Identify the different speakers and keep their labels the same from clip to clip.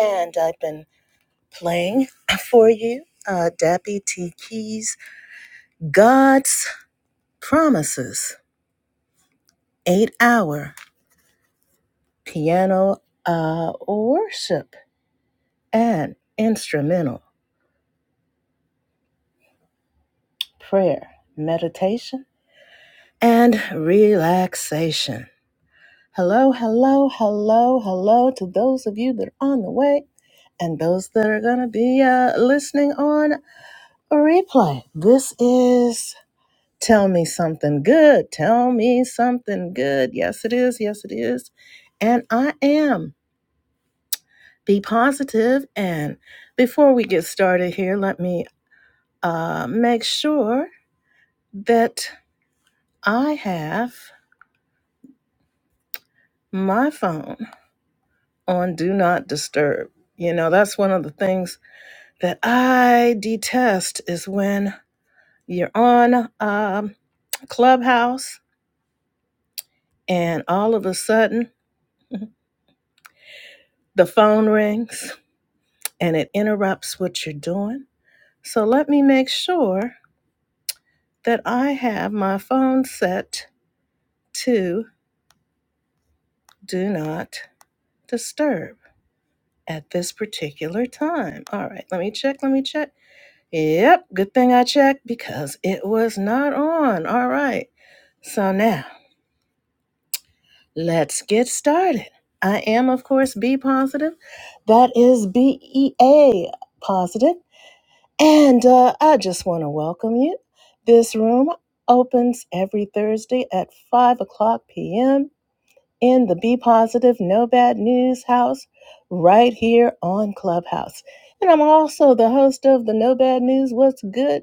Speaker 1: And I've been playing for you uh, Dappy T. Keys' God's Promises, eight hour piano uh, worship and instrumental prayer, meditation, and relaxation. Hello, hello, hello, hello to those of you that are on the way and those that are going to be uh, listening on replay. This is Tell me something good. Tell me something good. Yes, it is. Yes, it is. And I am. Be positive. And before we get started here, let me uh, make sure that I have my phone on Do Not Disturb. You know, that's one of the things that I detest is when you're on um, Clubhouse and all of a sudden the phone rings and it interrupts what you're doing. So let me make sure that I have my phone set to do not disturb at this particular time. All right, let me check, let me check. Yep, good thing I checked because it was not on. All right. So now let's get started. I am, of course, B positive. That is B E A positive. And uh, I just want to welcome you. This room opens every Thursday at 5 o'clock p.m in the Be Positive No Bad News house right here on Clubhouse. And I'm also the host of the No Bad News What's Good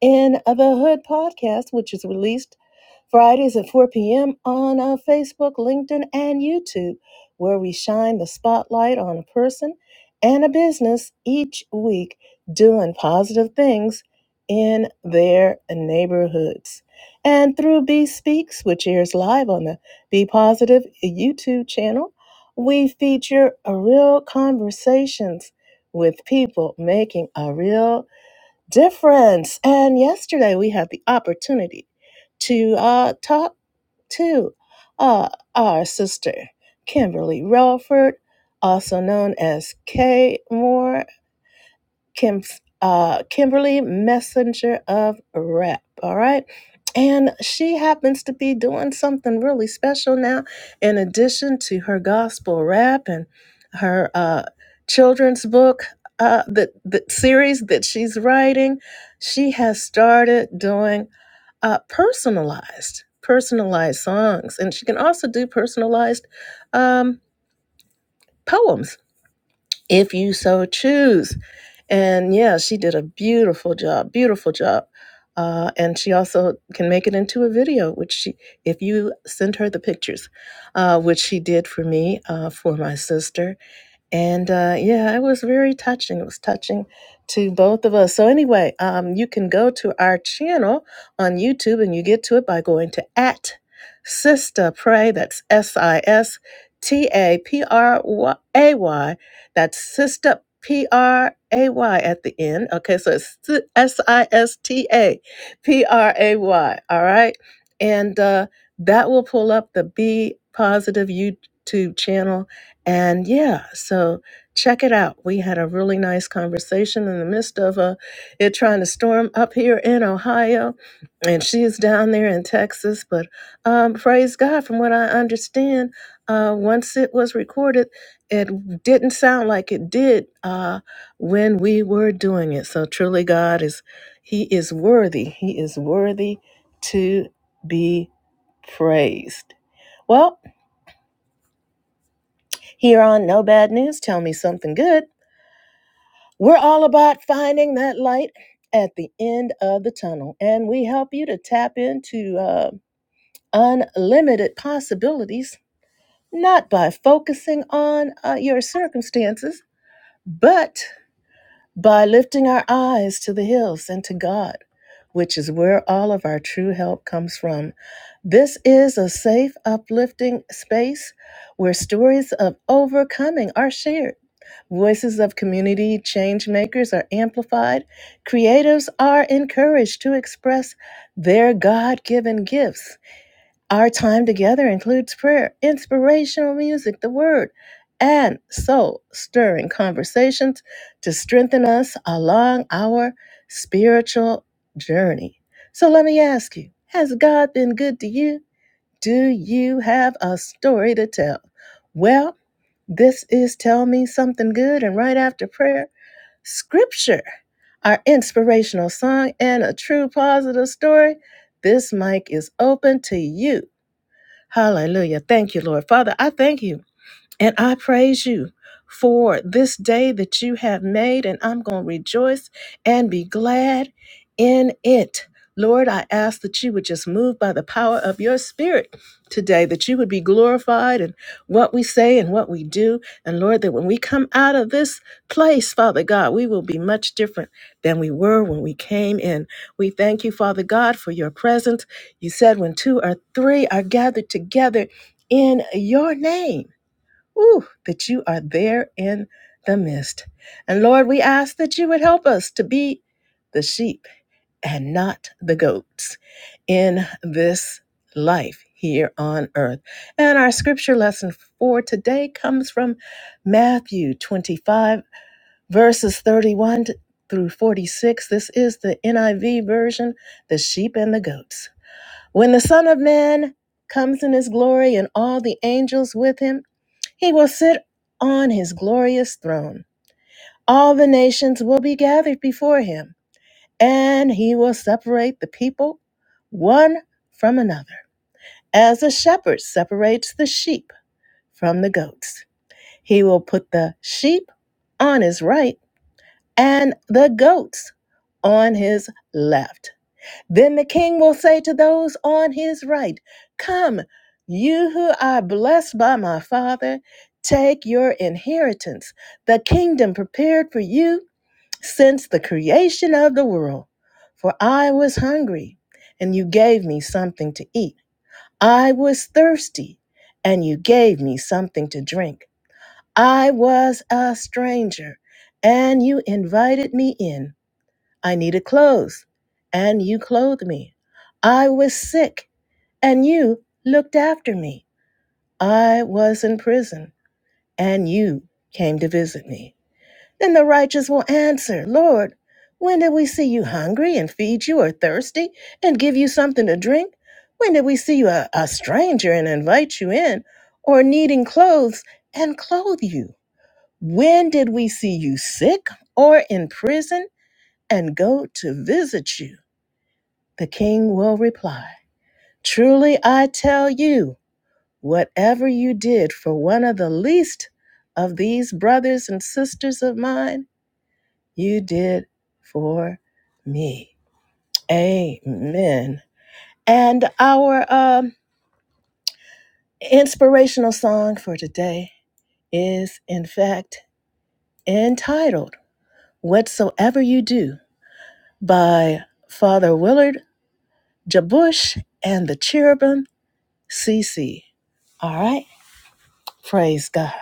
Speaker 1: in the Hood podcast, which is released Fridays at 4 p.m. on uh, Facebook, LinkedIn, and YouTube, where we shine the spotlight on a person and a business each week doing positive things in their neighborhoods. And through B Speaks, which airs live on the be Positive YouTube channel, we feature real conversations with people making a real difference. And yesterday we had the opportunity to uh, talk to uh, our sister Kimberly Relford, also known as Kay Moore. Kim, uh, Kimberly Messenger of Rep. All right. And she happens to be doing something really special now. In addition to her gospel rap and her uh, children's book, uh, the, the series that she's writing, she has started doing uh, personalized, personalized songs. And she can also do personalized um, poems if you so choose. And yeah, she did a beautiful job, beautiful job. Uh, and she also can make it into a video, which she, if you send her the pictures, uh, which she did for me, uh, for my sister. And uh, yeah, it was very touching. It was touching to both of us. So anyway, um, you can go to our channel on YouTube and you get to it by going to at Sister Pray. That's S I S T A P R A Y. That's Sister P R A Y at the end. Okay, so it's S I S T A P R A Y. All right, and uh, that will pull up the Be Positive YouTube channel and yeah, so check it out. We had a really nice conversation in the midst of uh, it trying to storm up here in Ohio, and she's down there in Texas. But um, praise God, from what I understand, uh, once it was recorded, it didn't sound like it did uh, when we were doing it. So truly, God is He is worthy. He is worthy to be praised. Well, here on No Bad News, tell me something good. We're all about finding that light at the end of the tunnel, and we help you to tap into uh, unlimited possibilities, not by focusing on uh, your circumstances, but by lifting our eyes to the hills and to God, which is where all of our true help comes from. This is a safe, uplifting space where stories of overcoming are shared. Voices of community change makers are amplified. Creatives are encouraged to express their God given gifts our time together includes prayer, inspirational music, the word, and soul stirring conversations to strengthen us along our spiritual journey. So let me ask you Has God been good to you? Do you have a story to tell? Well, this is Tell Me Something Good, and right after prayer, Scripture, our inspirational song, and a true positive story. This mic is open to you Hallelujah. Thank you, Lord. Father, I thank you. And I praise you for this day that you have made, and I'm going to rejoice and be glad in it. Lord, I ask that you would just move by the power of your spirit today, that you would be glorified in what we say and what we do. And Lord, that when we come out of this place, Father God, we will be much different than we were when we came in. We thank you, Father God, for your presence. You said when two or three are gathered together in your name Ooh, that you are there in the midst. And Lord, we ask that you would help us to be the sheep and not the goats in this life here on earth. And our scripture lesson for today comes from Matthew 25, verses 31 through 46. This is the NIV version, the sheep and the goats. When the Son of Man comes in his glory and all the angels with him, he will sit on his glorious throne. All the nations will be gathered before him, and he will separate the people one from another, as a shepherd separates the sheep from the goats. He will put the sheep on his right and the goats on his left. Then the king will say to those on his right, Come, you who are blessed by my father, take your inheritance, the kingdom prepared for you since the creation of the world. For I was hungry, and you gave me something to eat. I was thirsty, and you gave me something to drink. I was a stranger, and you invited me in. I needed clothes, and you clothed me. I was sick, and you looked after me. I was in prison, and you came to visit me. Then the righteous will answer, Lord, when did we see you hungry and feed you, or thirsty and give you something to drink? When did we see you a, a stranger and invite you in, or needing clothes and clothe you? When did we see you sick or in prison and go to visit you? The king will reply, Truly I tell you, whatever you did for one of the least of these brothers and sisters of mine, you did for me. Amen. And our um, inspirational song for today is, in fact, entitled Whatsoever You Do by Father Willard Jabush and the Cherubim CC. All right. Praise God.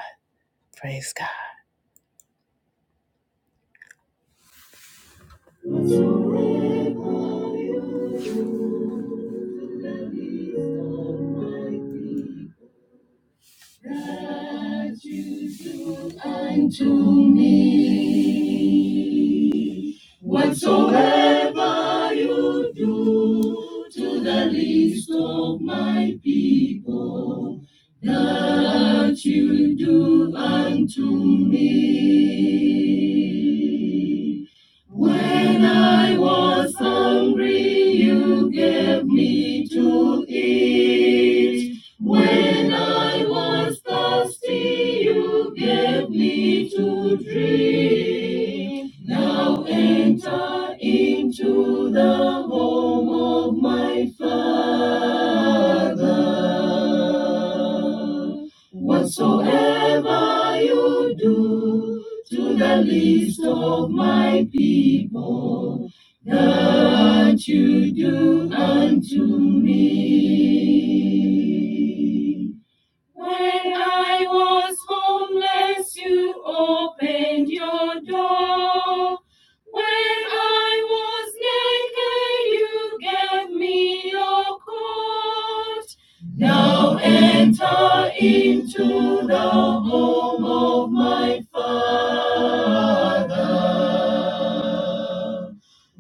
Speaker 1: Praise God. Whatsoever you do to the least of my people, that you do unto me. When I was hungry, you gave me to eat. When I was thirsty, you gave me to drink. Now enter into the home of my Father. Whatsoever you do to the least of my people, that you do unto me. When I was homeless, you opened your door. When I was naked, you gave me your coat. Now enter into the home of my father.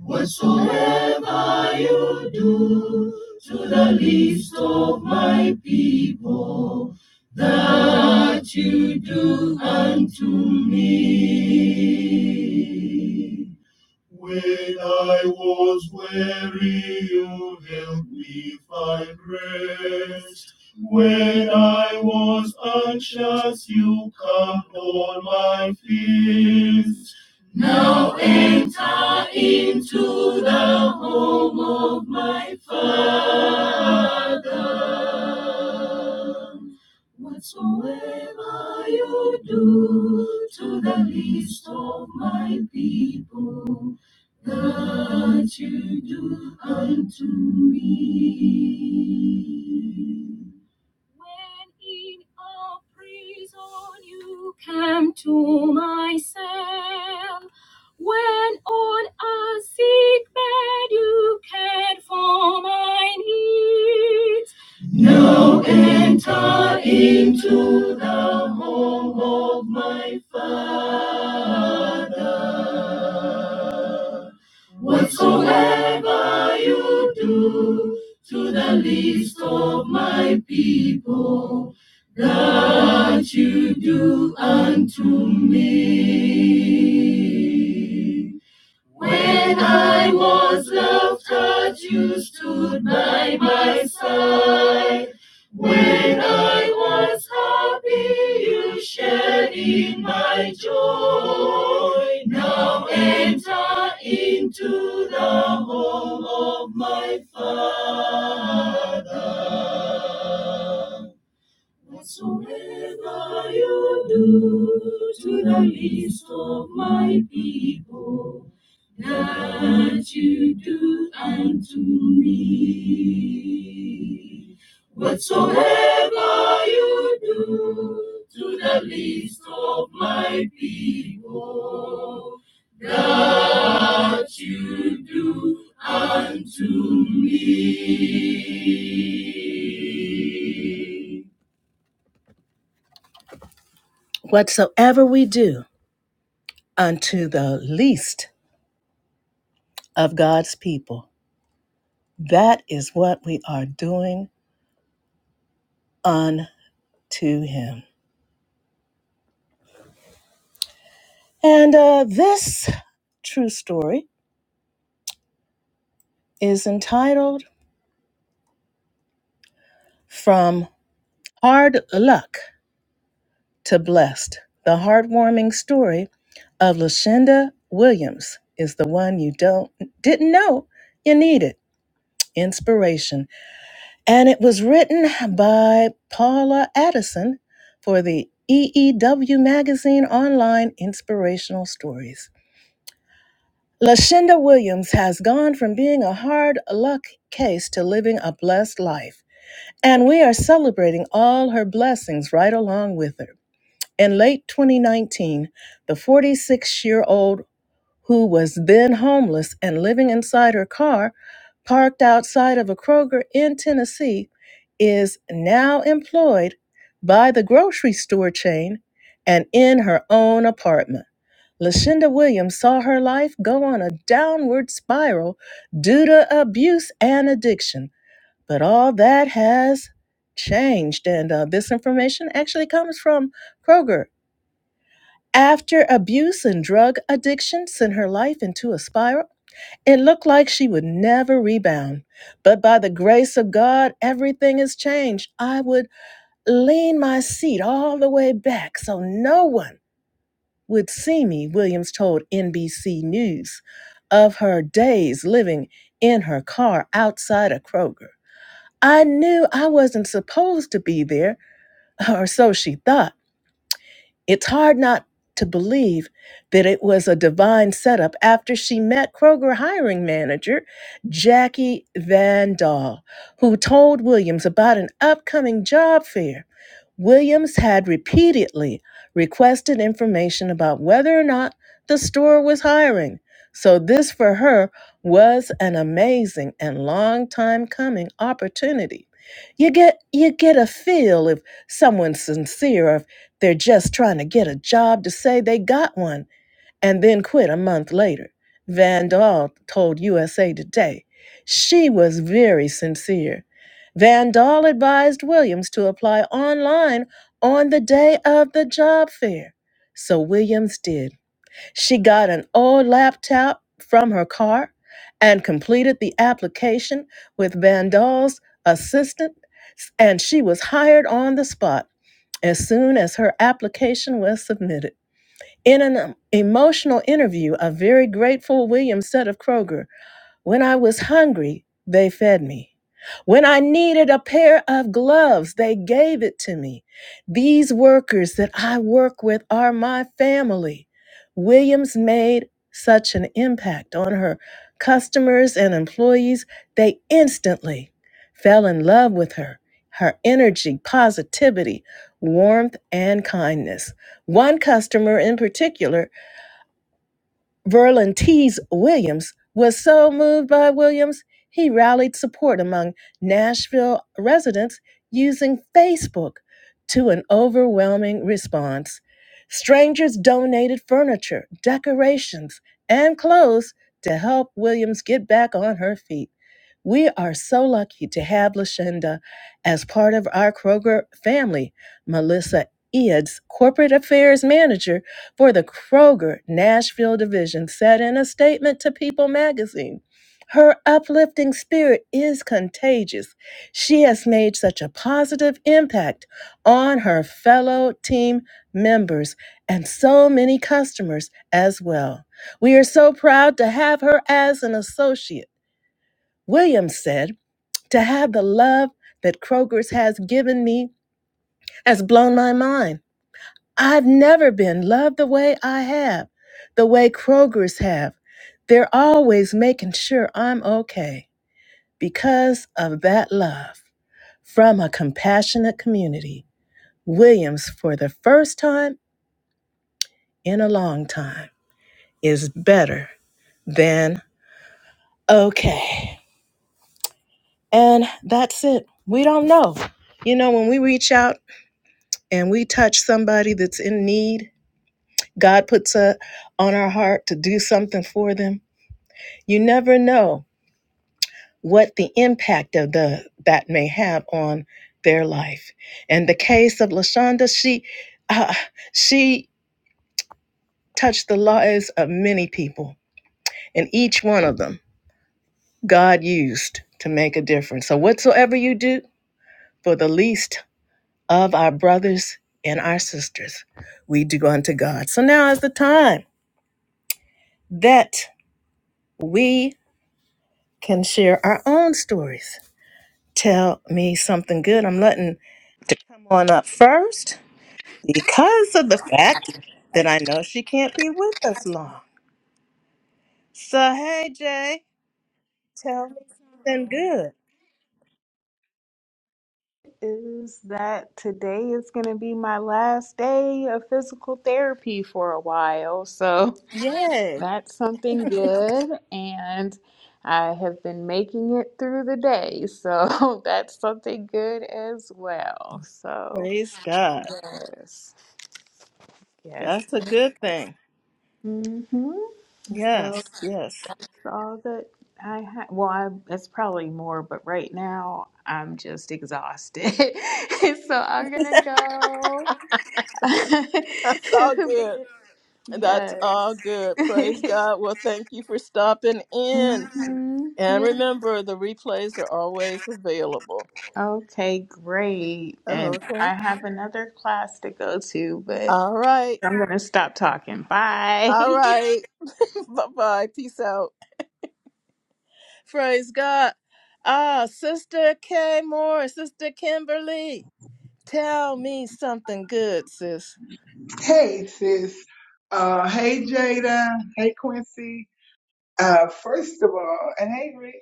Speaker 1: Whatsoever you do to the least of my people. what you do unto me. When I was weary, you helped me find rest. When I was anxious, you calmed all my fears. Whatsoever you do to the least of my people, what you do unto me. When in a prison you came to my cell, when on a sick bed you cared for my needs, shedding my joy, now enter into the home of my Father. Whatsoever you do to the least of my people. that you do unto me. Whatsoever you do to the least of my people, that you do unto me. Whatsoever we do unto the least of God's people, that is what we are doing unto him. And uh, this true story is entitled From Hard Luck to Blessed. The heartwarming story of Lashenda Williams is the one you don't didn't know you needed. Inspiration. And it was written by Paula Addison for the EEW magazine online inspirational stories. Lashenda Williams has gone from being a hard luck case to living a blessed life. And we are celebrating all her blessings right along with her. In late 2019, the 46 year old who was then homeless and living inside her car, parked outside of a Kroger in Tennessee, is now employed by the grocery store chain and in her own apartment. Lashonda Williams saw her life go on a downward spiral due to abuse and addiction. But all that has changed. And uh, this information actually comes from Kroger. After abuse and drug addiction sent her life into a spiral, it looked like she would never rebound. But by the grace of God, everything has changed. I would lean my seat all the way back so no one would see me, Williams told NBC News of her days living in her car outside of Kroger. I knew I wasn't supposed to be there, or so she thought. It's hard not to believe that it was a divine setup after she met Kroger hiring manager Jackie Van Dahl, who told Williams about an upcoming job fair. Williams had repeatedly requested information about whether or not the store was hiring. So, this for her was an amazing and long time coming opportunity. You get, you get a feel if someone's sincere or. They're just trying to get a job to say they got one and then quit a month later. Van Dahl told USA Today. She was very sincere. Van Dahl advised Williams to apply online on the day of the job fair. So Williams did. She got an old laptop from her car and completed the application with Van Dahl's assistant, and she was hired on the spot as soon as her application was submitted. In an um, emotional interview, a very grateful Williams said of Kroger, when I was hungry, they fed me. When I needed a pair of gloves, they gave it to me. These workers that I work with are my family. Williams made such an impact on her customers and employees, they instantly fell in love with her, her energy, positivity, warmth, and kindness. One customer in particular Verlin Tees Williams was so moved by Williams, he rallied support among Nashville residents using Facebook to an overwhelming response. Strangers donated furniture, decorations, and clothes to help Williams get back on her feet. We are so lucky to have Lashenda as part of our Kroger family. Melissa Eads, corporate affairs manager, for the Kroger Nashville division said in a statement to People magazine. Her uplifting spirit is contagious. She has made such a positive impact on her fellow team members and so many customers as well. We are so proud to have her as an associate. Williams said, To have the love that Kroger's has given me has blown my mind. I've never been loved the way I have, the way Kroger's have. They're always making sure I'm okay because of that love from a compassionate community. Williams, for the first time in a long time, is better than okay. And that's it. We don't know. You know, when we reach out and we touch somebody that's in need, God puts a on our heart to do something for them You never know what the impact of the that may have on their life. And the case of Lashonda, she uh, she touched the lives of many people, and each one of them God used to make a difference. So whatsoever you do for the least of our brothers and our sisters, we do unto God. So now is the time that we can share our own stories tell me something good. I'm letting to come on up first because of the fact that I know she can't be with us long. So hey Jay, tell me something good.
Speaker 2: is that today is going to be my last day of physical therapy for a while. So
Speaker 1: Yay.
Speaker 2: that's something good. And I have been making it through the day. So that's something good as well. So,
Speaker 1: Praise God.
Speaker 2: yes, yes,
Speaker 1: That's a
Speaker 2: yes.
Speaker 1: good thing.
Speaker 2: hmm So
Speaker 1: Yes, yes.
Speaker 2: it's all that I have. Well, I, it's probably more, but right now I'm just exhausted. so I'm gonna go.
Speaker 1: That's all good. That's
Speaker 2: yes.
Speaker 1: all good. Praise God. Well, thank you for stopping in.
Speaker 2: hmm
Speaker 1: And
Speaker 2: Yeah.
Speaker 1: remember, the replays are always available.
Speaker 2: Okay, great. And
Speaker 1: Okay.
Speaker 2: I have another class to go to, but
Speaker 1: All right.
Speaker 2: I'm going to stop talking. Bye.
Speaker 1: All right. bye bye. Peace out. Praise God. Ah, Sister Kay Moore, Sister Kimberly, tell me something good, sis.
Speaker 3: Hey, sis. Uh, hey, Jada. Hey, Quincy. Uh, first of all, and hey, Rick.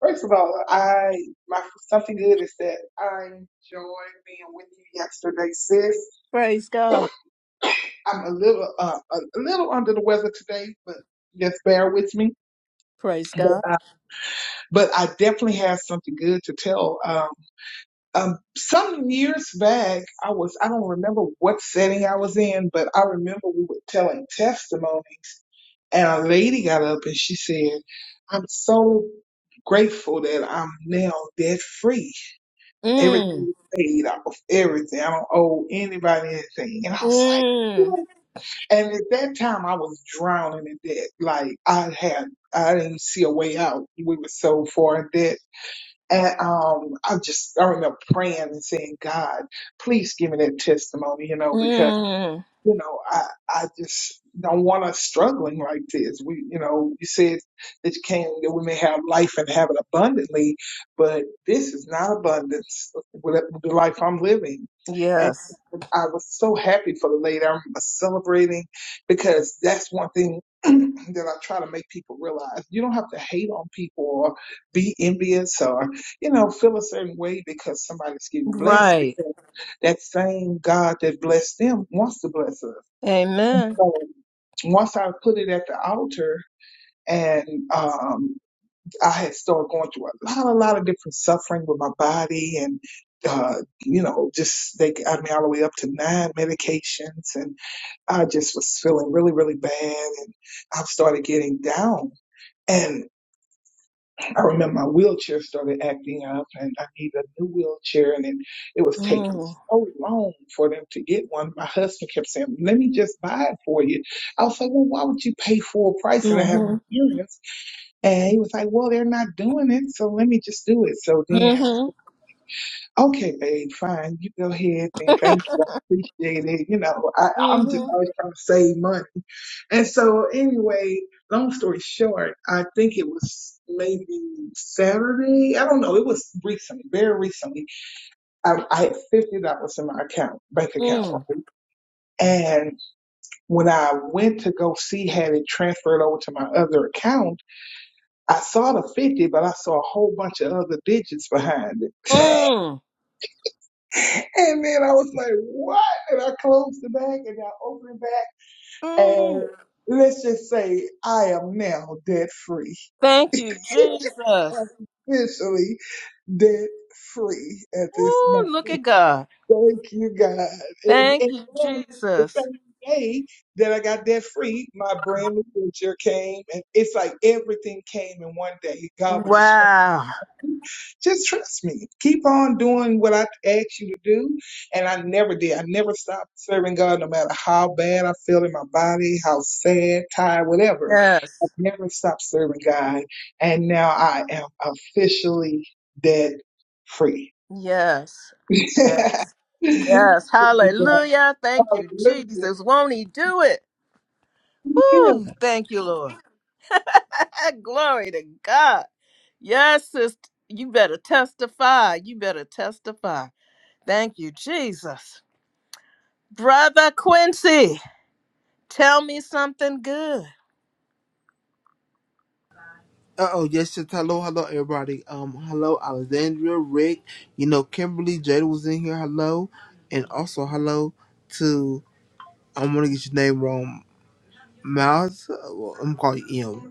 Speaker 3: First of all, I my something good is that I enjoyed being with you yesterday, sis.
Speaker 1: Praise God.
Speaker 3: I'm a little uh, a a little under the weather today, but just bear with me.
Speaker 1: Praise
Speaker 3: But
Speaker 1: God.
Speaker 3: uh, but I definitely have something good to tell. Um, um, some years back, I was, I don't remember what setting I was in, but I remember we were telling testimonies and a lady got up and she said, I'm so grateful that I'm now debt free.
Speaker 1: Mm,
Speaker 3: Everything is paid off, everything. I don't owe anybody anything. And I was like,
Speaker 1: mm,
Speaker 3: "What?" and at that time I was drowning in debt. Like I had, I didn't see a way out. We were so far in debt. And um, I just I remember praying and saying, God, please give me that testimony, you know, because
Speaker 1: mm.
Speaker 3: you know, I I just don't want us struggling like this. We, you know, you said that you came that we may have life and have it abundantly, but this is not abundance with the life I'm living. And
Speaker 1: Yes.
Speaker 3: so I was so happy for the lady. I'm celebrating because that's one thing that I try to make people realize. You don't have to hate on people or be envious or, you know, feel a certain way because somebody's getting blessed
Speaker 1: Right.
Speaker 3: that same God that blessed them wants to bless us. And
Speaker 1: Amen.
Speaker 3: so once I put it at the altar and um, I had started going through a lot, a lot of different suffering with my body and, uh, you know, just they got me all the way up to nine medications and I just was feeling really, really bad. And I started getting down. and. I remember my wheelchair started acting up and I needed a new wheelchair and it, it was taking
Speaker 1: Mm,
Speaker 3: so long for them to get one. My husband kept saying, let me just buy it for you. I was like, well, why would you pay full price and I have
Speaker 1: mm-hmm,
Speaker 3: insurance? And he was like, well, they're not doing it. So let me just do it. So then
Speaker 1: mm-hmm,
Speaker 3: Okay, babe, fine. You go ahead and thank you. I appreciate it. You know, I, I'm just
Speaker 1: mm-hmm,
Speaker 3: always trying to save money. And so anyway, long story short, I think it was maybe Saturday. I don't know. It was recently, very recently. I, I had fifty dollars in my account, bank account.
Speaker 1: mm,
Speaker 3: right? And when I went to go see had it transferred over to my other account, I saw the fifty, but I saw a whole bunch of other digits behind it.
Speaker 1: mm,
Speaker 3: And then I was like, what? And I closed the bag and I opened it back.
Speaker 1: mm.
Speaker 3: And let's just say I am now debt free.
Speaker 1: Thank you, Jesus.
Speaker 3: I am officially debt free at this
Speaker 1: Ooh,
Speaker 3: moment.
Speaker 1: look at God.
Speaker 3: Thank you, God. And,
Speaker 1: Thank
Speaker 3: and
Speaker 1: you,
Speaker 3: then the
Speaker 1: Jesus.
Speaker 3: same day that I got debt free, my brand new venture came. And it's like everything came in one day. God was just
Speaker 1: Wow.
Speaker 3: Just trust me. Keep on doing what I asked you to do. And I never did. I never stopped serving God no matter how bad I feel in my body, how sad, tired, whatever. I
Speaker 1: Yes.
Speaker 3: never stopped serving God. And now I am officially debt free.
Speaker 1: Yes. Yes.
Speaker 3: Hallelujah.
Speaker 1: Yes. Hallelujah. Thank you, Jesus. Won't he do it?
Speaker 3: Yeah.
Speaker 1: Woo. Thank you, Lord. Ah, Glory to God. Yes, sister. You better testify. You better testify. Thank you, Jesus. Brother Quincy, tell me something good.
Speaker 4: Uh oh, yes, yes, hello, hello, everybody. Um, hello, Alexandria, Rick. You know, Kimberly Jada was in here. Hello, and also hello to I'm gonna get your name wrong. Miles, uh, well, I'm calling you M.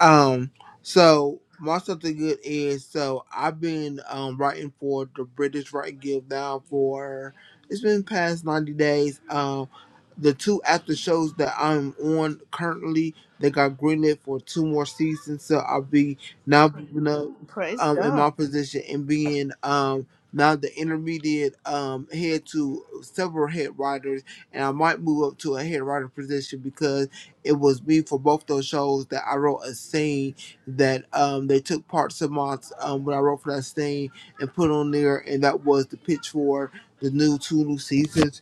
Speaker 4: Um, so my something good is so I've been um writing for the British Writing Guild now for it's been past ninety days. Um, the two after shows that I'm on currently they got greenlit for two more seasons, so I'll be now moving up
Speaker 1: Praise
Speaker 4: um in
Speaker 1: God.
Speaker 4: my position and being um. Now the intermediate um head to several head writers, and I might move up to a head writer position it was me for both those shows that I wrote a scene that um, they took parts of my um, when I wrote for that scene and put on there, and that was the pitch for the new two new seasons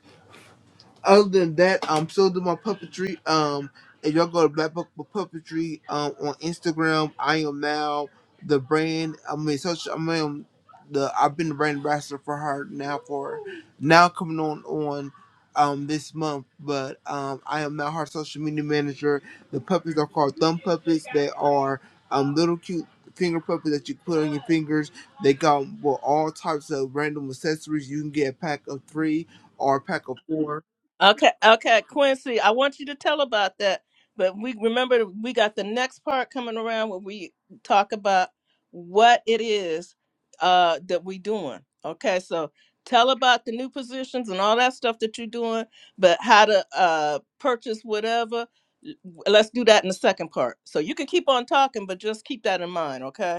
Speaker 4: other than that, I'm still doing my puppetry. Um, if y'all go to Black Book for Puppetry um, on Instagram, I am now the brand. I mean, such I mean the I've been the brand ambassador for her now for now coming on on um this month. But um, I am now her social media manager. The puppets are called thumb puppets. They are um little cute finger puppets that you put on your fingers. They come with all types of random accessories. You can get a pack of three or a pack of four
Speaker 1: Okay, okay, Quincy, I want you to tell about that. But we remember we got the next part coming around where we talk about what it is uh that we doing. Okay, so tell about the new positions and all that stuff that you're doing, but how to uh purchase whatever. L- Let's do that in the second part. So you can keep on talking, but just keep that in mind, okay?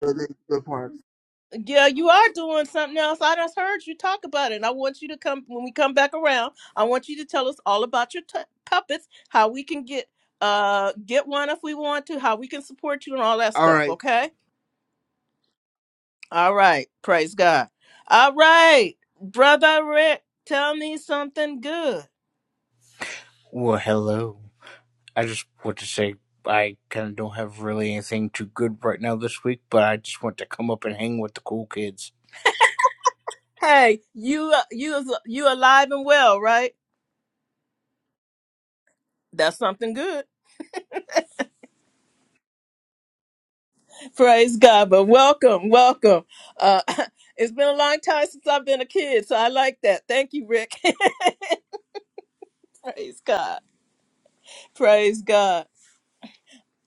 Speaker 4: the, good parts.
Speaker 1: Yeah, you are doing something else. I just heard you talk about it. And I want you to come when we come back around. I want you to tell us all about your t- puppets, how we can get uh get one if we want to, how we can support you and all that
Speaker 4: All
Speaker 1: stuff,
Speaker 4: right.
Speaker 1: okay? All right. Praise God. All right. Brother Rick, tell me something good.
Speaker 5: Well, hello. I just want to say I kind of don't have really anything too good right now this week, but I just want to come up and hang with the cool kids.
Speaker 1: Hey, you uh, you you alive and well, right? That's something good. Praise God, but welcome, welcome. Uh, it's been a long time since I've been a kid, so I like that. Thank you, Rick. Praise God. Praise God.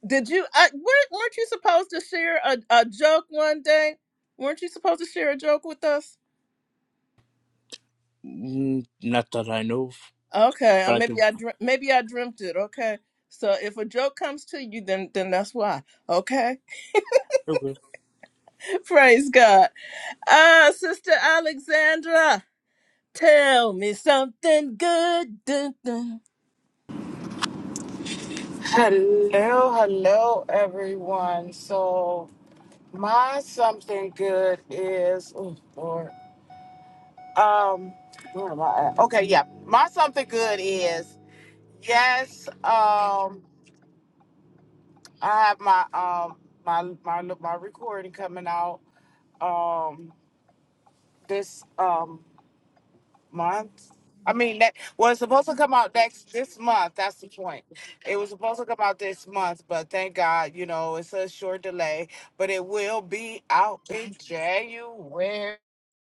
Speaker 1: Did you? I, weren't, weren't you supposed to share a, a joke one day? Weren't you supposed to share a joke with us?
Speaker 5: Mm, Not that I know of,
Speaker 1: Okay, uh,
Speaker 5: but I
Speaker 1: maybe
Speaker 5: can.
Speaker 1: I dream, maybe I dreamt it. Okay, so if a joke comes to you, then then that's why. Okay,
Speaker 5: Okay.
Speaker 1: praise God. Ah, Sister Alexandra, tell me something good.
Speaker 6: Hello, hello, everyone. So my something good is, oh Lord, um, where am I at? Okay, yeah, my something good is yes. Um, I have my um my my my recording coming out um this um month. I mean that well, it's supposed to come out next this month. That's the point. It was supposed to come out this month, but thank God, you know, it's a short delay. But it will be out in January.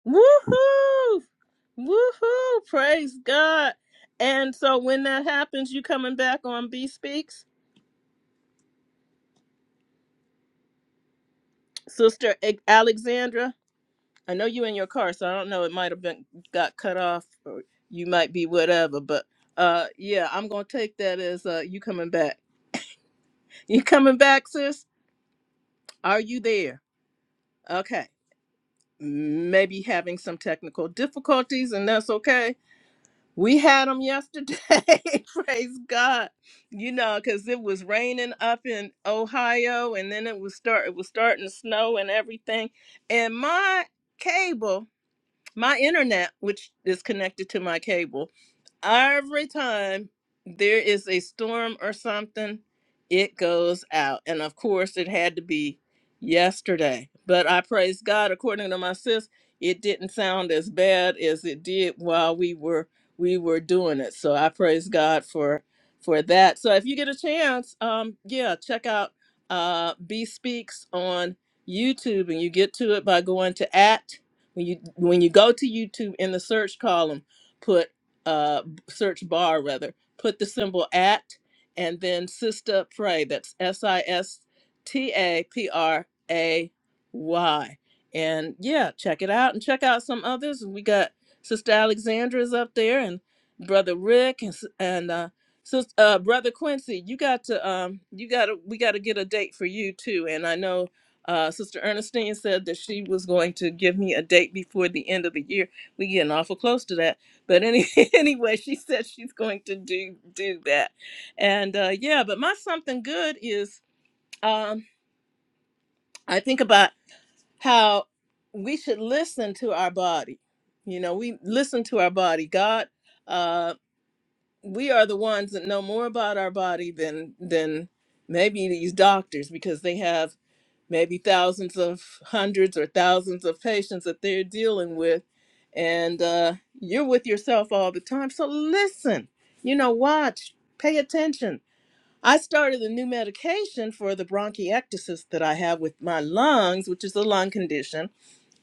Speaker 1: Woohoo! Woohoo! Praise God. And so when that happens, you coming back on B Speaks, Sister A- Alexandra. I know you in your car, so I don't know. It might have been got cut off, or you might be whatever. But uh, yeah, I'm gonna take that as uh, you coming back. You coming back, sis? Are you there? Okay. Maybe having some technical difficulties, and that's okay We had them yesterday. Praise God. You know, because it was raining up in Ohio and then it was start it was starting to snow and everything. And my cable, my internet, which is connected to my cable, every time there is a storm or something, it goes out. And of course, it had to be yesterday. But I praise God, according to my sis, it didn't sound as bad as it did while we were we were doing it. So I praise God for for that. So if you get a chance, um, yeah, check out uh B Speaks on YouTube and you get to it by going to at when you when you go to YouTube in the search column, put uh search bar rather, put the symbol at and then Sister Pray. That's S I S T A P R A Y. And yeah, check it out and check out some others. We got Sister Alexandra's up there and Brother Rick and s- and uh, Sis uh, Brother Quincy. You got to um you got to we got to get a date for you too. And I know. Uh, Sister Ernestine said that she was going to give me a date before the end of the year. We getting awful close to that but any, anyway she said she's going to do do that and uh yeah but my something good is um i think about how we should listen to our body you know we listen to our body god uh we are the ones that know more about our body than than maybe these doctors because they have maybe thousands of hundreds or thousands of patients that they're dealing with and uh, you're with yourself all the time so listen you know watch pay attention i started a new medication for the bronchiectasis that i have with my lungs which is a lung condition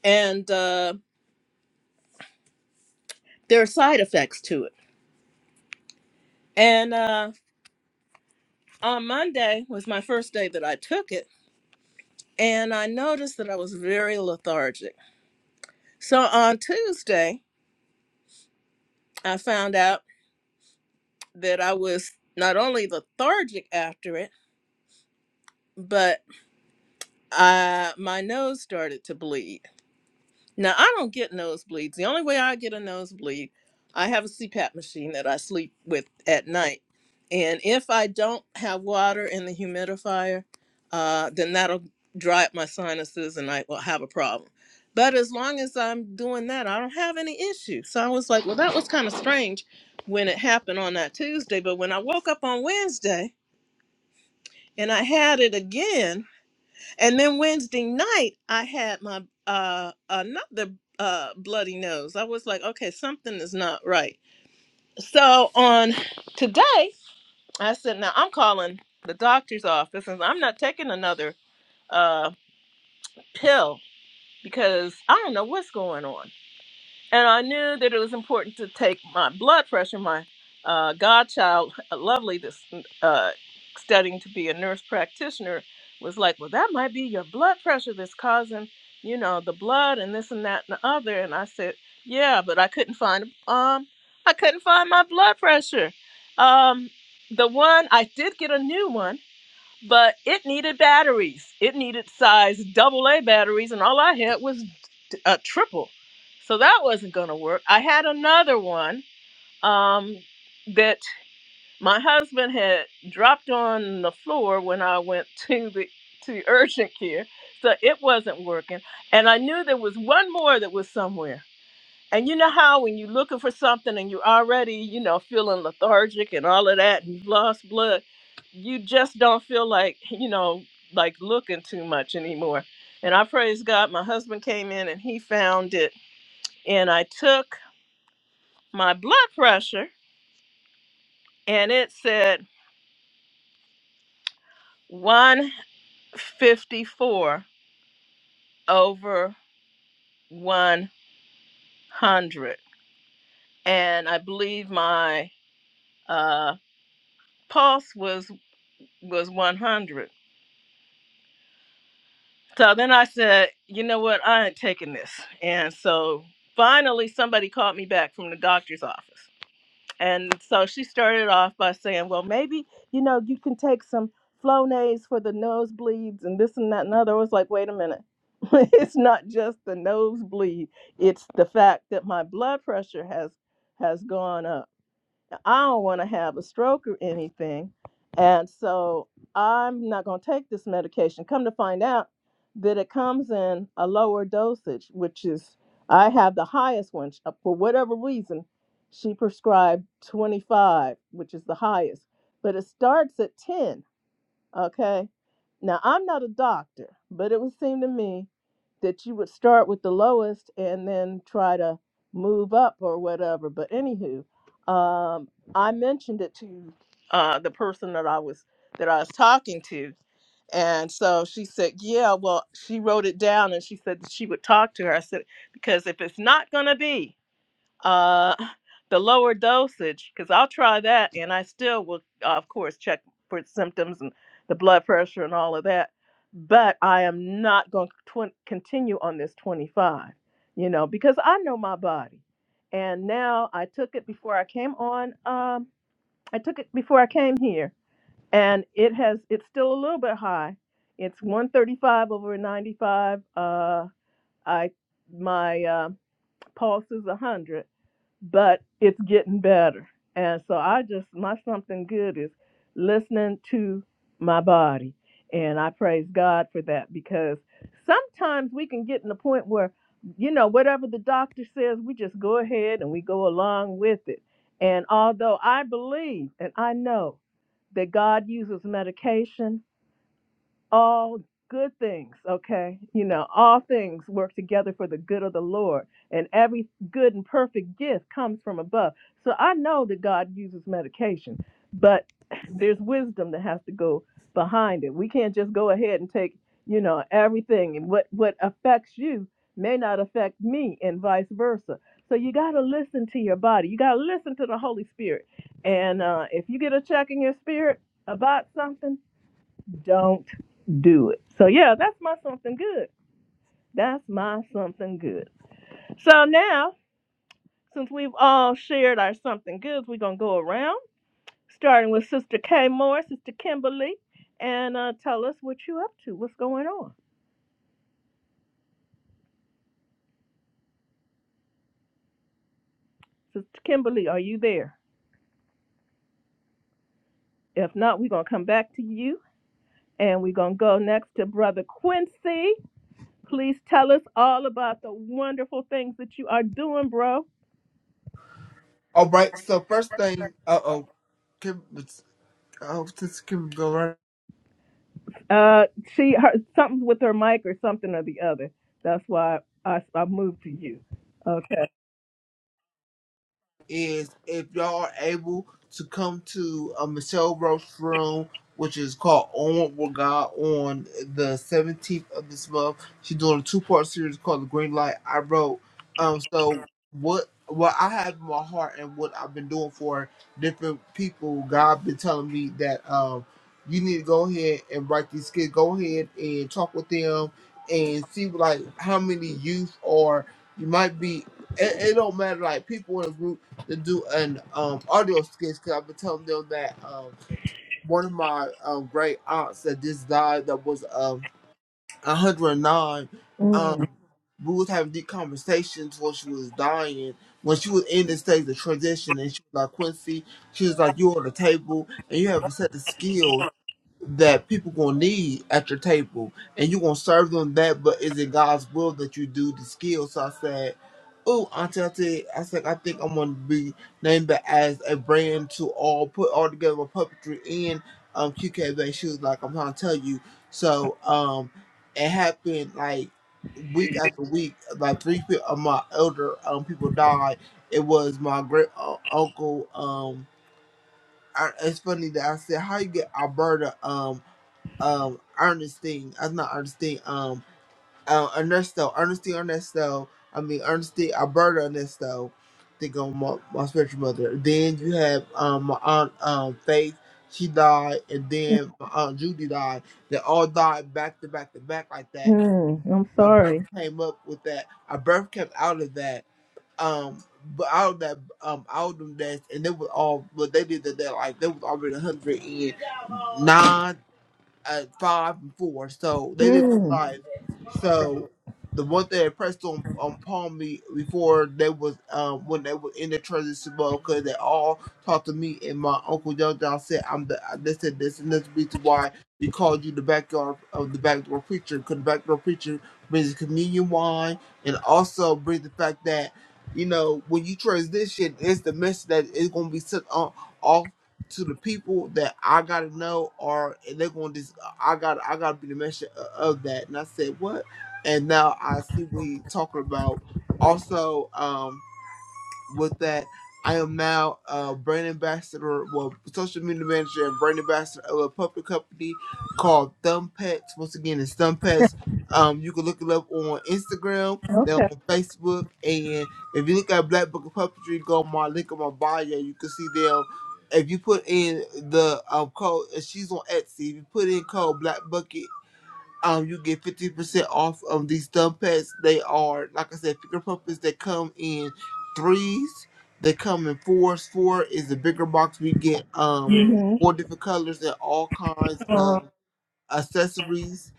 Speaker 1: and uh, there are side effects to it and uh, on monday was my first day that i took it and i noticed that i was very lethargic so on tuesday i found out that I was not only lethargic after it, but uh, my nose started to bleed. Now, I don't get nosebleeds. The only way I get a nosebleed, I have a CPAP machine that I sleep with at night. And if I don't have water in the humidifier, uh, then that'll dry up my sinuses and I will have a problem. But as long as I'm doing that, I don't have any issue. So I was like, well, that was kind of strange when it happened on that Tuesday. But when I woke up on Wednesday, and I had it again. And then Wednesday night, I had my uh another uh bloody nose. I was like, okay, something is not right. So on today, I said, now I'm calling the doctor's office, and I'm not taking another uh pill because I don't know what's going on. and I knew that it was important to take my blood pressure. My uh, godchild, uh, lovely, this uh, studying to be a nurse practitioner, was like, "Well, that might be your blood pressure that's causing, you know, the blood and this and that and the other." And I said, "Yeah," but I couldn't find um, I couldn't find my blood pressure. Um, the one I did get a new one but it needed batteries. It needed size double A batteries, and all I had was a triple. So that wasn't going to work. I had another one um, that my husband had dropped on the floor when I went to the to urgent care, so it wasn't working. And I knew there was one more that was somewhere. And you know how when you're looking for something and you're already, you know, feeling lethargic and all of that, and you've lost blood, you just don't feel like, you know, like looking too much anymore. And I praise God, my husband came in and he found it. And I took my blood pressure and it said 154 over 100. And I believe my uh, pulse was was 100 So then I said, you know what? I ain't taking this. And so finally, somebody called me back from the doctor's office. And so she started off by saying, well, maybe, you know, you can take some Flonase for the nosebleeds and this and that and other. I was like, wait a minute. it's not just the nosebleed, it's the fact that my blood pressure has has gone up I don't want to have a stroke or anything. And so I'm not going to take this medication. Come to find out that it comes in a lower dosage, which is, I have the highest one. For whatever reason, she prescribed 25, which is the highest, but it starts at 10. Okay. Now, I'm not a doctor, but it would seem to me that you would start with the lowest and then try to move up or whatever. But anywho, um, I mentioned it to uh, the person that I was that I was talking to, and so she said, "Yeah, well, she wrote it down and she said that she would talk to her." I said, "Because if it's not gonna be." Uh, the lower dosage, because I'll try that, and I still will, uh, of course, check for symptoms and the blood pressure and all of that. But I am not going to continue on this 25, you know, because I know my body. And now I took it before I came on. Um, I took it before I came here, and it has. It's still a little bit high. It's 135 over 95. Uh, I my uh, pulse is 100 but it's getting better. And so I just, my something good is listening to my body. And I praise God for that because sometimes we can get in the point where, you know, whatever the doctor says, we just go ahead and we go along with it. And although I believe and I know that God uses medication all good things, okay? You know, all things work together for the good of the Lord, and every good and perfect gift comes from above. So I know that God uses medication, but there's wisdom that has to go behind it. We can't just go ahead and take, you know, everything and what what affects you may not affect me and vice versa. So you got to listen to your body. You got to listen to the Holy Spirit. And uh if you get a check in your spirit about something, don't do it. So yeah, that's my something good. That's my something good. So now, since we've all shared our something goods, we're gonna go around, starting with Sister Kay Moore, Sister Kimberly, and uh, tell us what you up to, what's going on. Sister Kimberly, are you there? If not, we're gonna come back to you, and we're gonna go next to Brother Quincy. Please tell us all about the wonderful things that you are doing, bro.
Speaker 4: All right. So first thing. Uh oh. Kim, oh, this Kim go right.
Speaker 1: Uh, she her something with her mic or something or the other. That's why I I moved to you. Okay.
Speaker 4: is if y'all are able to come to uh, Michelle Roach's room, which is called On With God on the 17th of this month. She's doing a two-part series called The Green Light I Wrote. Um, so what what I have in my heart and what I've been doing for different people, God been telling me that um you need to go ahead and write these kids. Go ahead and talk with them and see like how many youth are. You might be. It, it don't matter. Like people in a group to do an um audio sketch because I've been telling them that um one of my um great aunts that just died that was um 109 um
Speaker 1: Mm,
Speaker 4: we was having deep conversations while she was dying when she was in this stage of transition and she was like Quincy she was like you're on the table and you haven't set the skills that people gonna need at your table, and you gonna serve them that. But is it God's will that you do the skill? So I said, "Oh, Auntie, Auntie," I said, "I think I'm gonna be named that as a brand to all put all together with puppetry and um QKB." She was like, "I'm trying to tell you." So um, it happened like week after week. Like three pe- of my elder um people died. It was my great uh, uncle um. I, it's funny that I said, "How you get Alberta?" Um, um Ernestine. That's not Ernestine. Um, uh, Ernesto. Ernestine Ernesto. I mean Ernestine Alberta Ernesto. Think on my, my spiritual mother. Then you have um my aunt um Faith. She died, and then my aunt Judy died. They all died back to back to back like that.
Speaker 1: mm, I'm
Speaker 4: A birth
Speaker 1: sorry.
Speaker 4: came up with that. A birth came out of that. Um, but out of that um out of them deaths, and they were all. But they did that. Like they was already 109 at five and four, so they lived in
Speaker 1: mm.
Speaker 4: life. So the one thing that pressed on on Palm me before they was um when they were in the transition mode because they all talked to me and my uncle John John said I'm the I- they said this and this the reason why we called you the backyard of the backdoor preacher because the backdoor preacher brings communion wine and also brings the fact that you know when you transition it's the message that is gonna be sent on off to the people that I gotta know or they're gonna I got I got to be the mention of that." And I said, "What?" And now I see what he talking about. Also, um, with that. I am now a brand ambassador, well, social media manager and brand ambassador of a puppet company called Thumb Pets. Once again, it's Thumb Pets. Um, you can look it up on Instagram, then
Speaker 1: Okay.
Speaker 4: on Facebook, and if you look at Black Book of Puppetry, go on my link on my bio. You can see them. If you put in the um, code, she's on Etsy. If you put in code Black Bucket um, you get fifty percent off of these thumb pads. They are, like I said, finger puppets that come in threes. They come in fours. Four is the bigger box. We get um
Speaker 1: hmm
Speaker 4: four different colors and all kinds
Speaker 1: Uh,
Speaker 4: of accessories.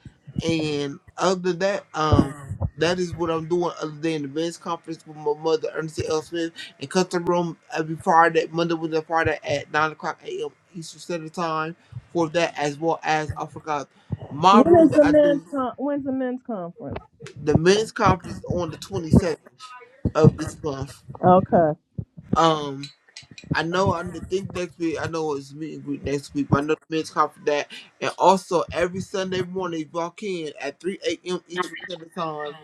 Speaker 4: And other than that, um, that is what I'm doing other than the men's conference with my mother, Ernestine L. Smith, and Custom Room every Friday, Monday, Wednesday, Friday at 9 o'clock a.m. Eastern Standard Time for that, as well as I forgot my
Speaker 1: when
Speaker 4: room
Speaker 1: is the
Speaker 4: that I
Speaker 1: men's
Speaker 4: do
Speaker 1: con- when's the men's conference?
Speaker 4: the men's conference on the twenty second of this month.
Speaker 1: Okay.
Speaker 4: Um, I know on the think next week, I know it's meet and greet next week, but I know the men's call for that. And also every Sunday morning if y'all can at three AM Eastern Standard Time.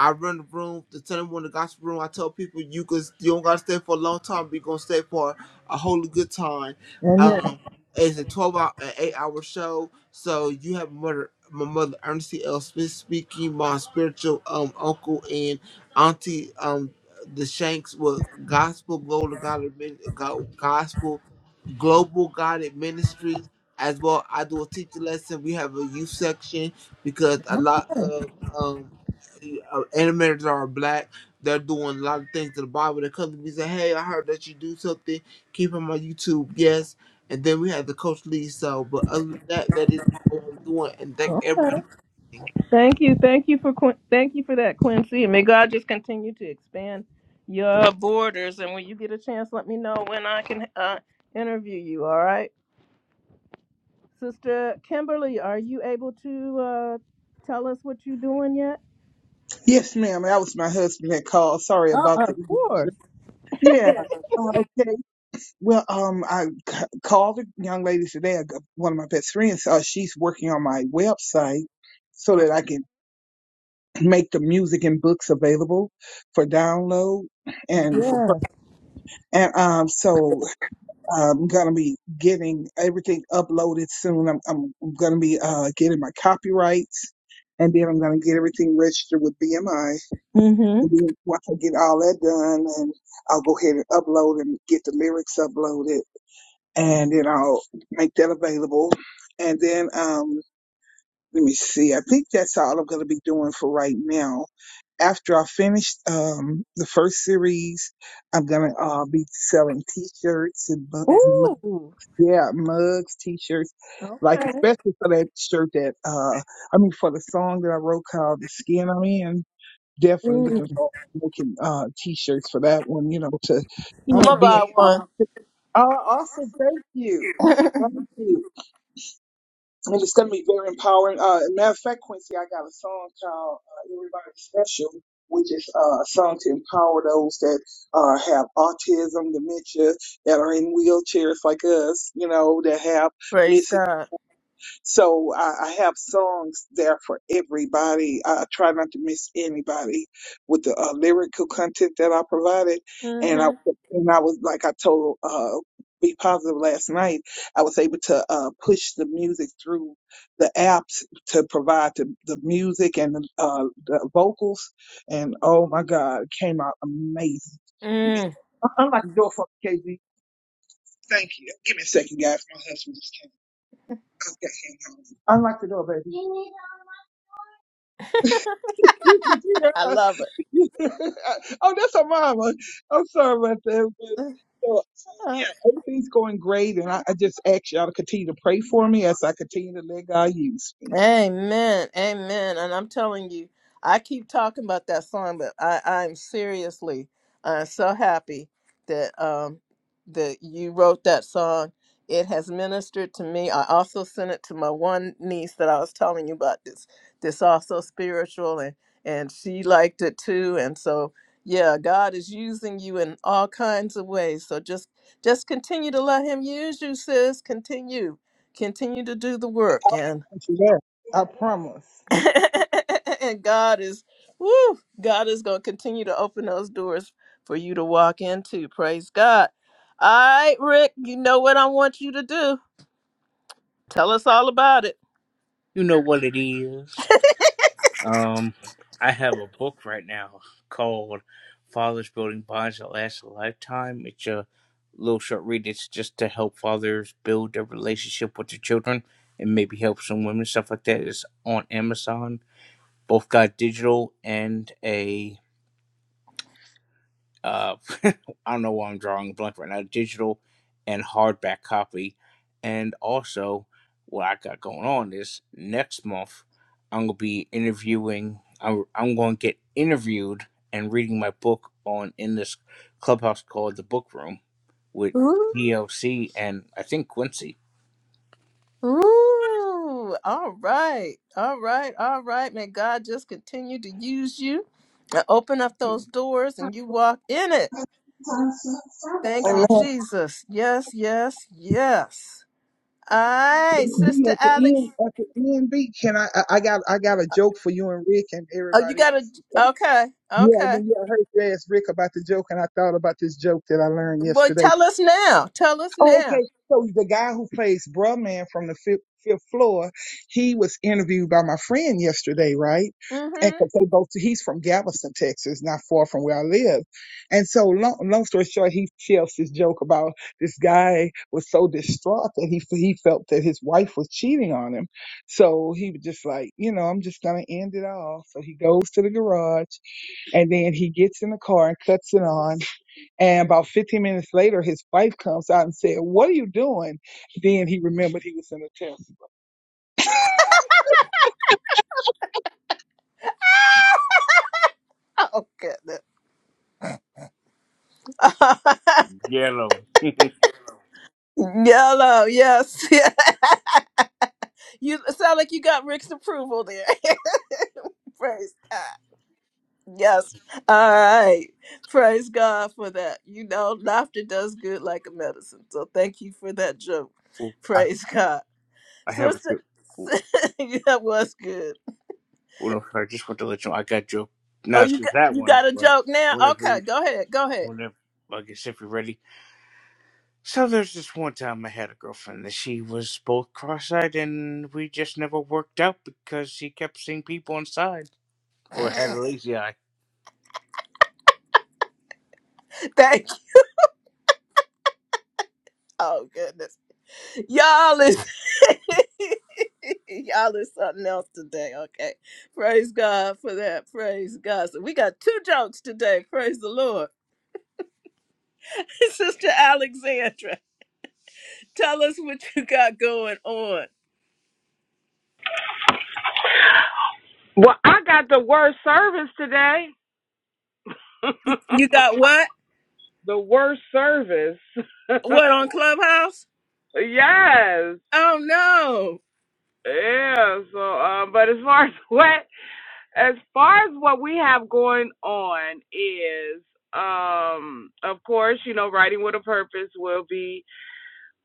Speaker 4: I run the room, the Sunday morning gospel room. I tell people you can you don't gotta stay for a long time, but you gonna stay for a wholly good time.
Speaker 1: Amen.
Speaker 4: Um it's a twelve hour an eight hour show. So you have mother my mother Ernestine L. Smith speaking, my spiritual um uncle and auntie um the Shanks with Gospel Global God, Admin- Go- Gospel Global Guided Ministries. As well, I do a teacher lesson. We have a youth section because a lot of um, uh, animators are black. They're doing a lot of things to the Bible. They come to me and say, "Hey, I heard that you do something. Keep on my YouTube." Yes, and then we have the Coach Lee. So, but other than that, that is all I'm doing, and thank
Speaker 1: Okay.
Speaker 4: everybody.
Speaker 1: Thank you. Thank you for Quin- thank you for that, Quincy. And may God just continue to expand your borders. And when you get a chance, let me know when I can uh, interview you. All right. Sister Kimberly, are you able to uh, tell us what you're doing yet?
Speaker 3: Yes, ma'am. That was my husband that called. Sorry
Speaker 1: Oh,
Speaker 3: about the
Speaker 1: of
Speaker 3: interruption.
Speaker 1: course.
Speaker 3: Yeah. Uh, Okay. Well, um, I c- called the young lady today. I got- One of my best friends, uh, she's working on my website so that I can make the music and books available for download
Speaker 1: Yes.
Speaker 3: and for pur- and um. So I'm gonna be getting everything uploaded soon. I'm I'm gonna be uh getting my copyrights, and then I'm gonna get everything registered with BMI. And
Speaker 1: Mm-hmm.
Speaker 3: then once I get all that done, and I'll go ahead and upload and get the lyrics uploaded and then I'll make that available. And then, um, let me see. I think that's all I'm going to be doing for right now. After I finish um, the first series, I'm gonna uh, be selling T-shirts and bu- and mu-
Speaker 1: Ooh.
Speaker 3: yeah, mugs, T-shirts, like
Speaker 1: Okay.
Speaker 3: especially for that shirt that uh, I mean for the song that I wrote called "The Skin I'm In." definitely looking for making uh t-shirts for that one, you know, to you
Speaker 1: I'm going
Speaker 3: know
Speaker 1: to
Speaker 3: be
Speaker 1: buy
Speaker 3: empowered.
Speaker 1: one.
Speaker 3: Uh, awesome, thank you, thank you. And it's gonna be very empowering. Uh, matter of fact, Quincy, I got a song called uh, "Everybody Special," which is uh, a song to empower those that uh have autism, dementia, that are in wheelchairs like us, you know, that have
Speaker 1: Praise
Speaker 3: missing.
Speaker 1: God.
Speaker 3: So I, I have songs there for everybody. I, I try not to miss anybody with the uh, lyrical content that I provided. And I
Speaker 1: Mm-hmm.
Speaker 3: and I was like I told uh, Be Positive last night. I was able to uh, push the music through the apps to provide the, the music and the, uh, the vocals. And oh my God, it came out amazing. Give me,
Speaker 1: Mm.
Speaker 3: I- I'm like the door for KZ. Thank you. Give me a second, guys. My husband just came. I've got him home. Unlock the door, baby. You can do
Speaker 1: I
Speaker 3: that.
Speaker 1: love
Speaker 3: oh, that's a mama. I'm sorry about that. But,
Speaker 1: it.
Speaker 3: so, so, yeah, everything's going great, and I, I just ask y'all to continue to pray for me as I continue to let God use me.
Speaker 1: Amen. Amen. And I'm telling you, I keep talking about that song, but I, I'm seriously uh, so happy that um, that you wrote that song. It has ministered to me. I also sent it to my one niece that I was telling you about this this also spiritual and and she liked it too. And so yeah, God is using you in all kinds of ways. So just just continue to let him use you, sis. Continue. Continue to do the work and
Speaker 3: Thank you, God. I promise.
Speaker 1: and God is, woo, God is going to continue to open those doors for you to walk into. Praise God. All right, Rick, you know what I want you to do. Tell us all about it.
Speaker 5: You know what it is. Um, I have a book right now called Fathers Building Bonds That Last a Lifetime. It's a little short read. It's just to help fathers build their relationship with their children and maybe help some women, stuff like that. It's on Amazon both got digital and a uh, I don't know why I'm drawing a blank right now, digital and hardback copy. And also, what I got going on is next month I'm gonna be interviewing. I'm, I'm going to get interviewed and reading my book on in this clubhouse called the Book Room with
Speaker 1: Ooh,
Speaker 5: DLC and I think Quincy.
Speaker 1: ooh, all right, all right, all right. May God just continue to use you and open up those doors and you walk in it.
Speaker 3: And
Speaker 1: Thank you,
Speaker 3: now,
Speaker 1: Jesus. Yes, yes, yes. All right,
Speaker 3: B
Speaker 1: Sister
Speaker 3: at the
Speaker 1: Alex.
Speaker 3: end, at the end, B. Can I, I? I got, I got a
Speaker 1: uh,
Speaker 3: joke for you and Rick and
Speaker 1: Oh, you
Speaker 3: everybody
Speaker 1: got to,
Speaker 3: else.
Speaker 1: okay,
Speaker 3: Yeah,
Speaker 1: okay.
Speaker 3: when you I heard you ask Rick about the joke, and I thought about this joke that I learned
Speaker 1: Well,
Speaker 3: yesterday.
Speaker 1: tell us now. Tell us
Speaker 3: Oh,
Speaker 1: now.
Speaker 3: okay. So the guy who plays Bruh Man from the fifth, fifth floor, he was interviewed by my friend yesterday, right? And
Speaker 1: Mm-hmm.
Speaker 3: 'cause they both, he's from Galveston, Texas, not far from where I live. And so, long, long story short, he tells this joke about this guy was so distraught that he he felt that his wife was cheating on him. So he was just like, you know, I'm just gonna end it all. So he goes to the garage, and then he gets in the car and cuts it on. And about 15 minutes later, his wife comes out and said, What are you doing? Then he remembered he was in a test.
Speaker 1: Oh goodness.
Speaker 5: Yellow.
Speaker 1: Yellow. Yes. yeah. you sound like you got Rick's approval there. Praise God. Yes. All right. Praise God for that. You know, laughter does good like a medicine. So thank you for that joke.
Speaker 5: I
Speaker 1: Praise God.
Speaker 5: have a
Speaker 1: Sister,
Speaker 5: joke. Oh,
Speaker 1: that was good.
Speaker 5: no, I just want to let you know I got your
Speaker 1: Oh,
Speaker 5: not
Speaker 1: you
Speaker 5: just
Speaker 1: got
Speaker 5: that
Speaker 1: you
Speaker 5: one,
Speaker 1: got a
Speaker 5: but
Speaker 1: joke now?
Speaker 5: whatever.
Speaker 1: Okay, go ahead. Go ahead.
Speaker 5: Whatever, I guess if you're ready. So there's this one time I had a girlfriend that she was both cross-eyed and we just never worked out because she kept seeing people inside or had a lazy eye.
Speaker 1: Thank you. Oh goodness. Y'all is y'all is something else today. Okay. Praise God for that. Praise God. So we got two jokes today. Praise the Lord. Sister Alexandra, tell us what you got going on.
Speaker 6: Well, I got the worst service today.
Speaker 1: You got what?
Speaker 6: The worst service.
Speaker 1: What on Clubhouse?
Speaker 6: yes.
Speaker 1: Oh no.
Speaker 6: Yeah. So, uh, but as far as what, as far as what we have going on is, um, of course, you know, writing with a purpose will be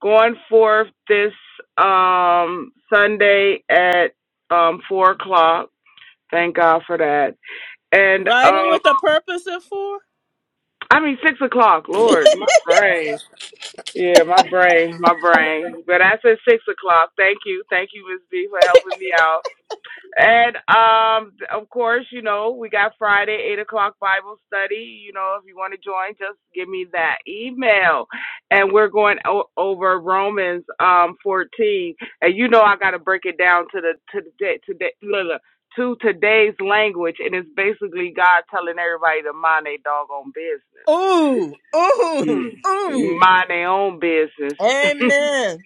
Speaker 6: going forth this um, Sunday at um, four o'clock. Thank God for that. And
Speaker 1: Writing
Speaker 6: um,
Speaker 1: with a purpose of four?
Speaker 6: I mean six o'clock. Lord, my brain. Yeah, my brain, my brain. But I said six o'clock. Thank you, thank you, Miss B, for helping me out. And um, of course, you know, we got Friday, 8 o'clock Bible study. You know, if you want to join, just give me that email. And we're going o- over Romans um, 14. And you know, I got to break it down to the to the day, today, look, look, to today's language. And it's basically God telling everybody to mind their doggone business.
Speaker 1: Ooh. Ooh.
Speaker 6: Hmm.
Speaker 1: Ooh.
Speaker 6: Mind their own business.
Speaker 1: Amen.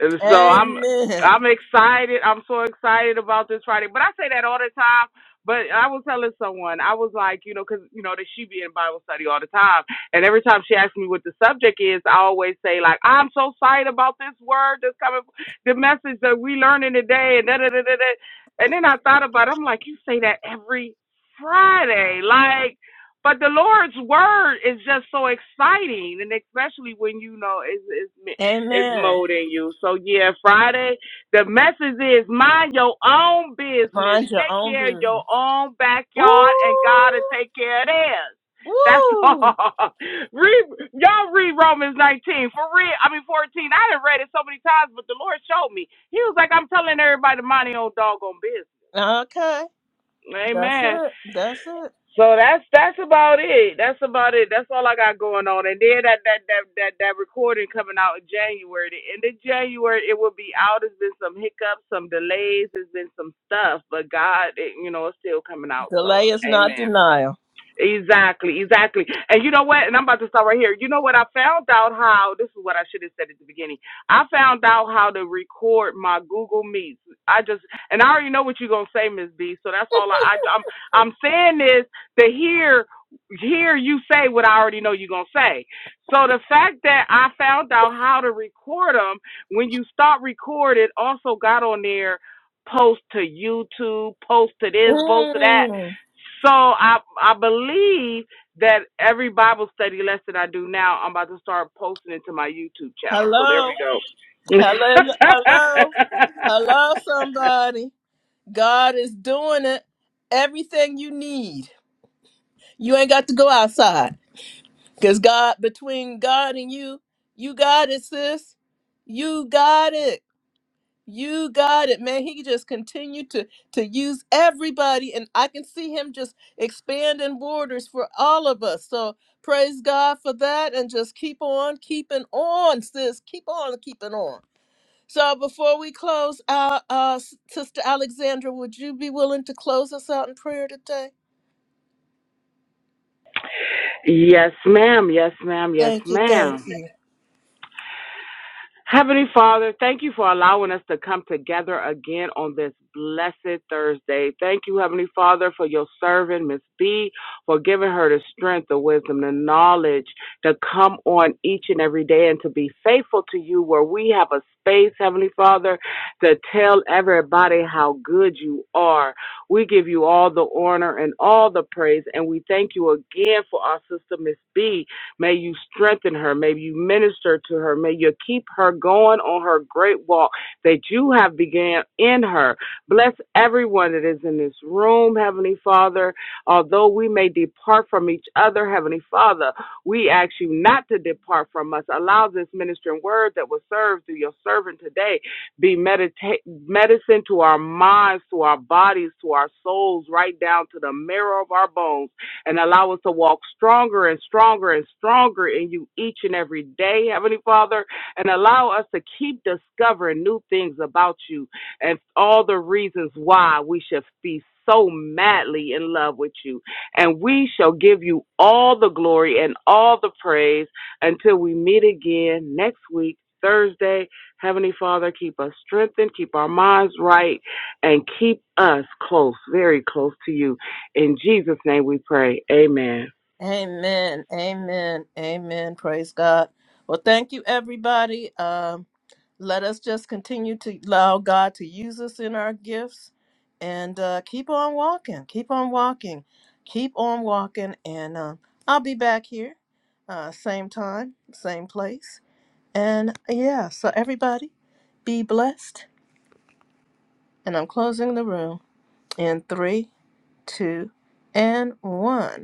Speaker 6: And so I'm
Speaker 1: Amen.
Speaker 6: I'm excited. I'm so excited about this Friday. But I say that all the time. But I was telling someone, I was like, you know, 'cause you know, that she be in Bible study all the time. And every time she asks me what the subject is, I always say, like, I'm so excited about this word that's coming, the message that we learning today. And, da, da, da, da, da. and then I thought about it. I'm like, you say that every Friday. Like, but the Lord's word is just so exciting. And especially when, you know, is is is
Speaker 1: Amen.
Speaker 6: molding you. So yeah, Friday. The message is mind your own business.
Speaker 1: Mind your
Speaker 6: Take
Speaker 1: own
Speaker 6: care of your
Speaker 1: business.
Speaker 6: own backyard, and God
Speaker 1: Ooh.
Speaker 6: will take care of theirs. That's
Speaker 1: Woo!
Speaker 6: all. read, y'all read Romans 19 for real. I mean 14. I done read it so many times, but the Lord showed me. He was like, I'm telling everybody to mind their own doggone business.
Speaker 1: Okay. That's
Speaker 6: Amen.
Speaker 1: it. That's it.
Speaker 6: So that's that's about it. That's about it. That's all I got going on. And then that that that that, that recording coming out in January. The end of January it will be out. There's been some hiccups, some delays, there's been some stuff, but God, it, you know, it's still coming out. So,
Speaker 1: Delay is not
Speaker 6: amen.
Speaker 1: denial.
Speaker 6: Exactly, exactly. And you know what? And I'm about to start right here. You know what? I found out how this is what I should have said at the beginning. I found out how to record my Google Meets. I just and I already know what you're gonna say, Miss B. So that's all I, I I'm I'm saying this to hear hear you say what I already know you're gonna say. So the fact that I found out how to record them when you start recorded also got on there post to YouTube, post to this, post to that.
Speaker 1: Mm.
Speaker 6: So I I believe that every Bible study lesson I do now, I'm about to start posting it to my YouTube channel. So there
Speaker 1: Hello.
Speaker 6: we go.
Speaker 1: Hello. Hello. Hello, somebody. God is doing it. Everything you need. You ain't got to go outside. Because God, between God and you, you got it, sis. You got it. You got it, man. He just continued to to use everybody, and I can see him just expanding borders for all of us. So praise God for that, and just keep on keeping on, sis. Keep on keeping on. So before we close out, uh, S- Sister Alexandra, would you be willing to close us out in prayer today?
Speaker 6: yes, ma'am. Yes, ma'am. Yes,
Speaker 1: Thank you,
Speaker 6: ma'am.
Speaker 1: thank you.
Speaker 6: Heavenly Father, thank you for allowing us to come together again on this blessed Thursday. Thank you, Heavenly Father, for your servant, Miss B, for giving her the strength, the wisdom, the knowledge to come on each and every day and to be faithful to you where we have a space, Heavenly Father, to tell everybody how good you are. We give you all the honor and all the praise, and we thank you again for our sister, Miss B May you strengthen her. May you minister to her. May you keep her going on her great walk that you have began in her. Bless everyone that is in this room, Heavenly Father. Although we may depart from each other, Heavenly Father, we ask you not to depart from us. Allow this ministering word that was served through your servant today be medita- medicine to our minds, to our bodies, to our souls, right down to the marrow of our bones and allow us to walk stronger and stronger and stronger in you each and every day, Heavenly Father, and allow us to keep discovering new things about you and all the reasons why we should be so madly in love with you. And we shall give you all the glory and all the praise until we meet again next week, Thursday. Heavenly Father, keep us strengthened, keep our minds right, and keep us close, very close to you. In Jesus' name we pray. Amen.
Speaker 1: Amen, amen, amen. Praise God. Well, thank you, everybody. Um, let us just continue to allow God to use us in our gifts and uh, keep on walking, keep on walking, keep on walking. And uh, I'll be back here, uh, same time, same place. And yeah, so everybody be blessed. And I'm closing the room in three, two, and one.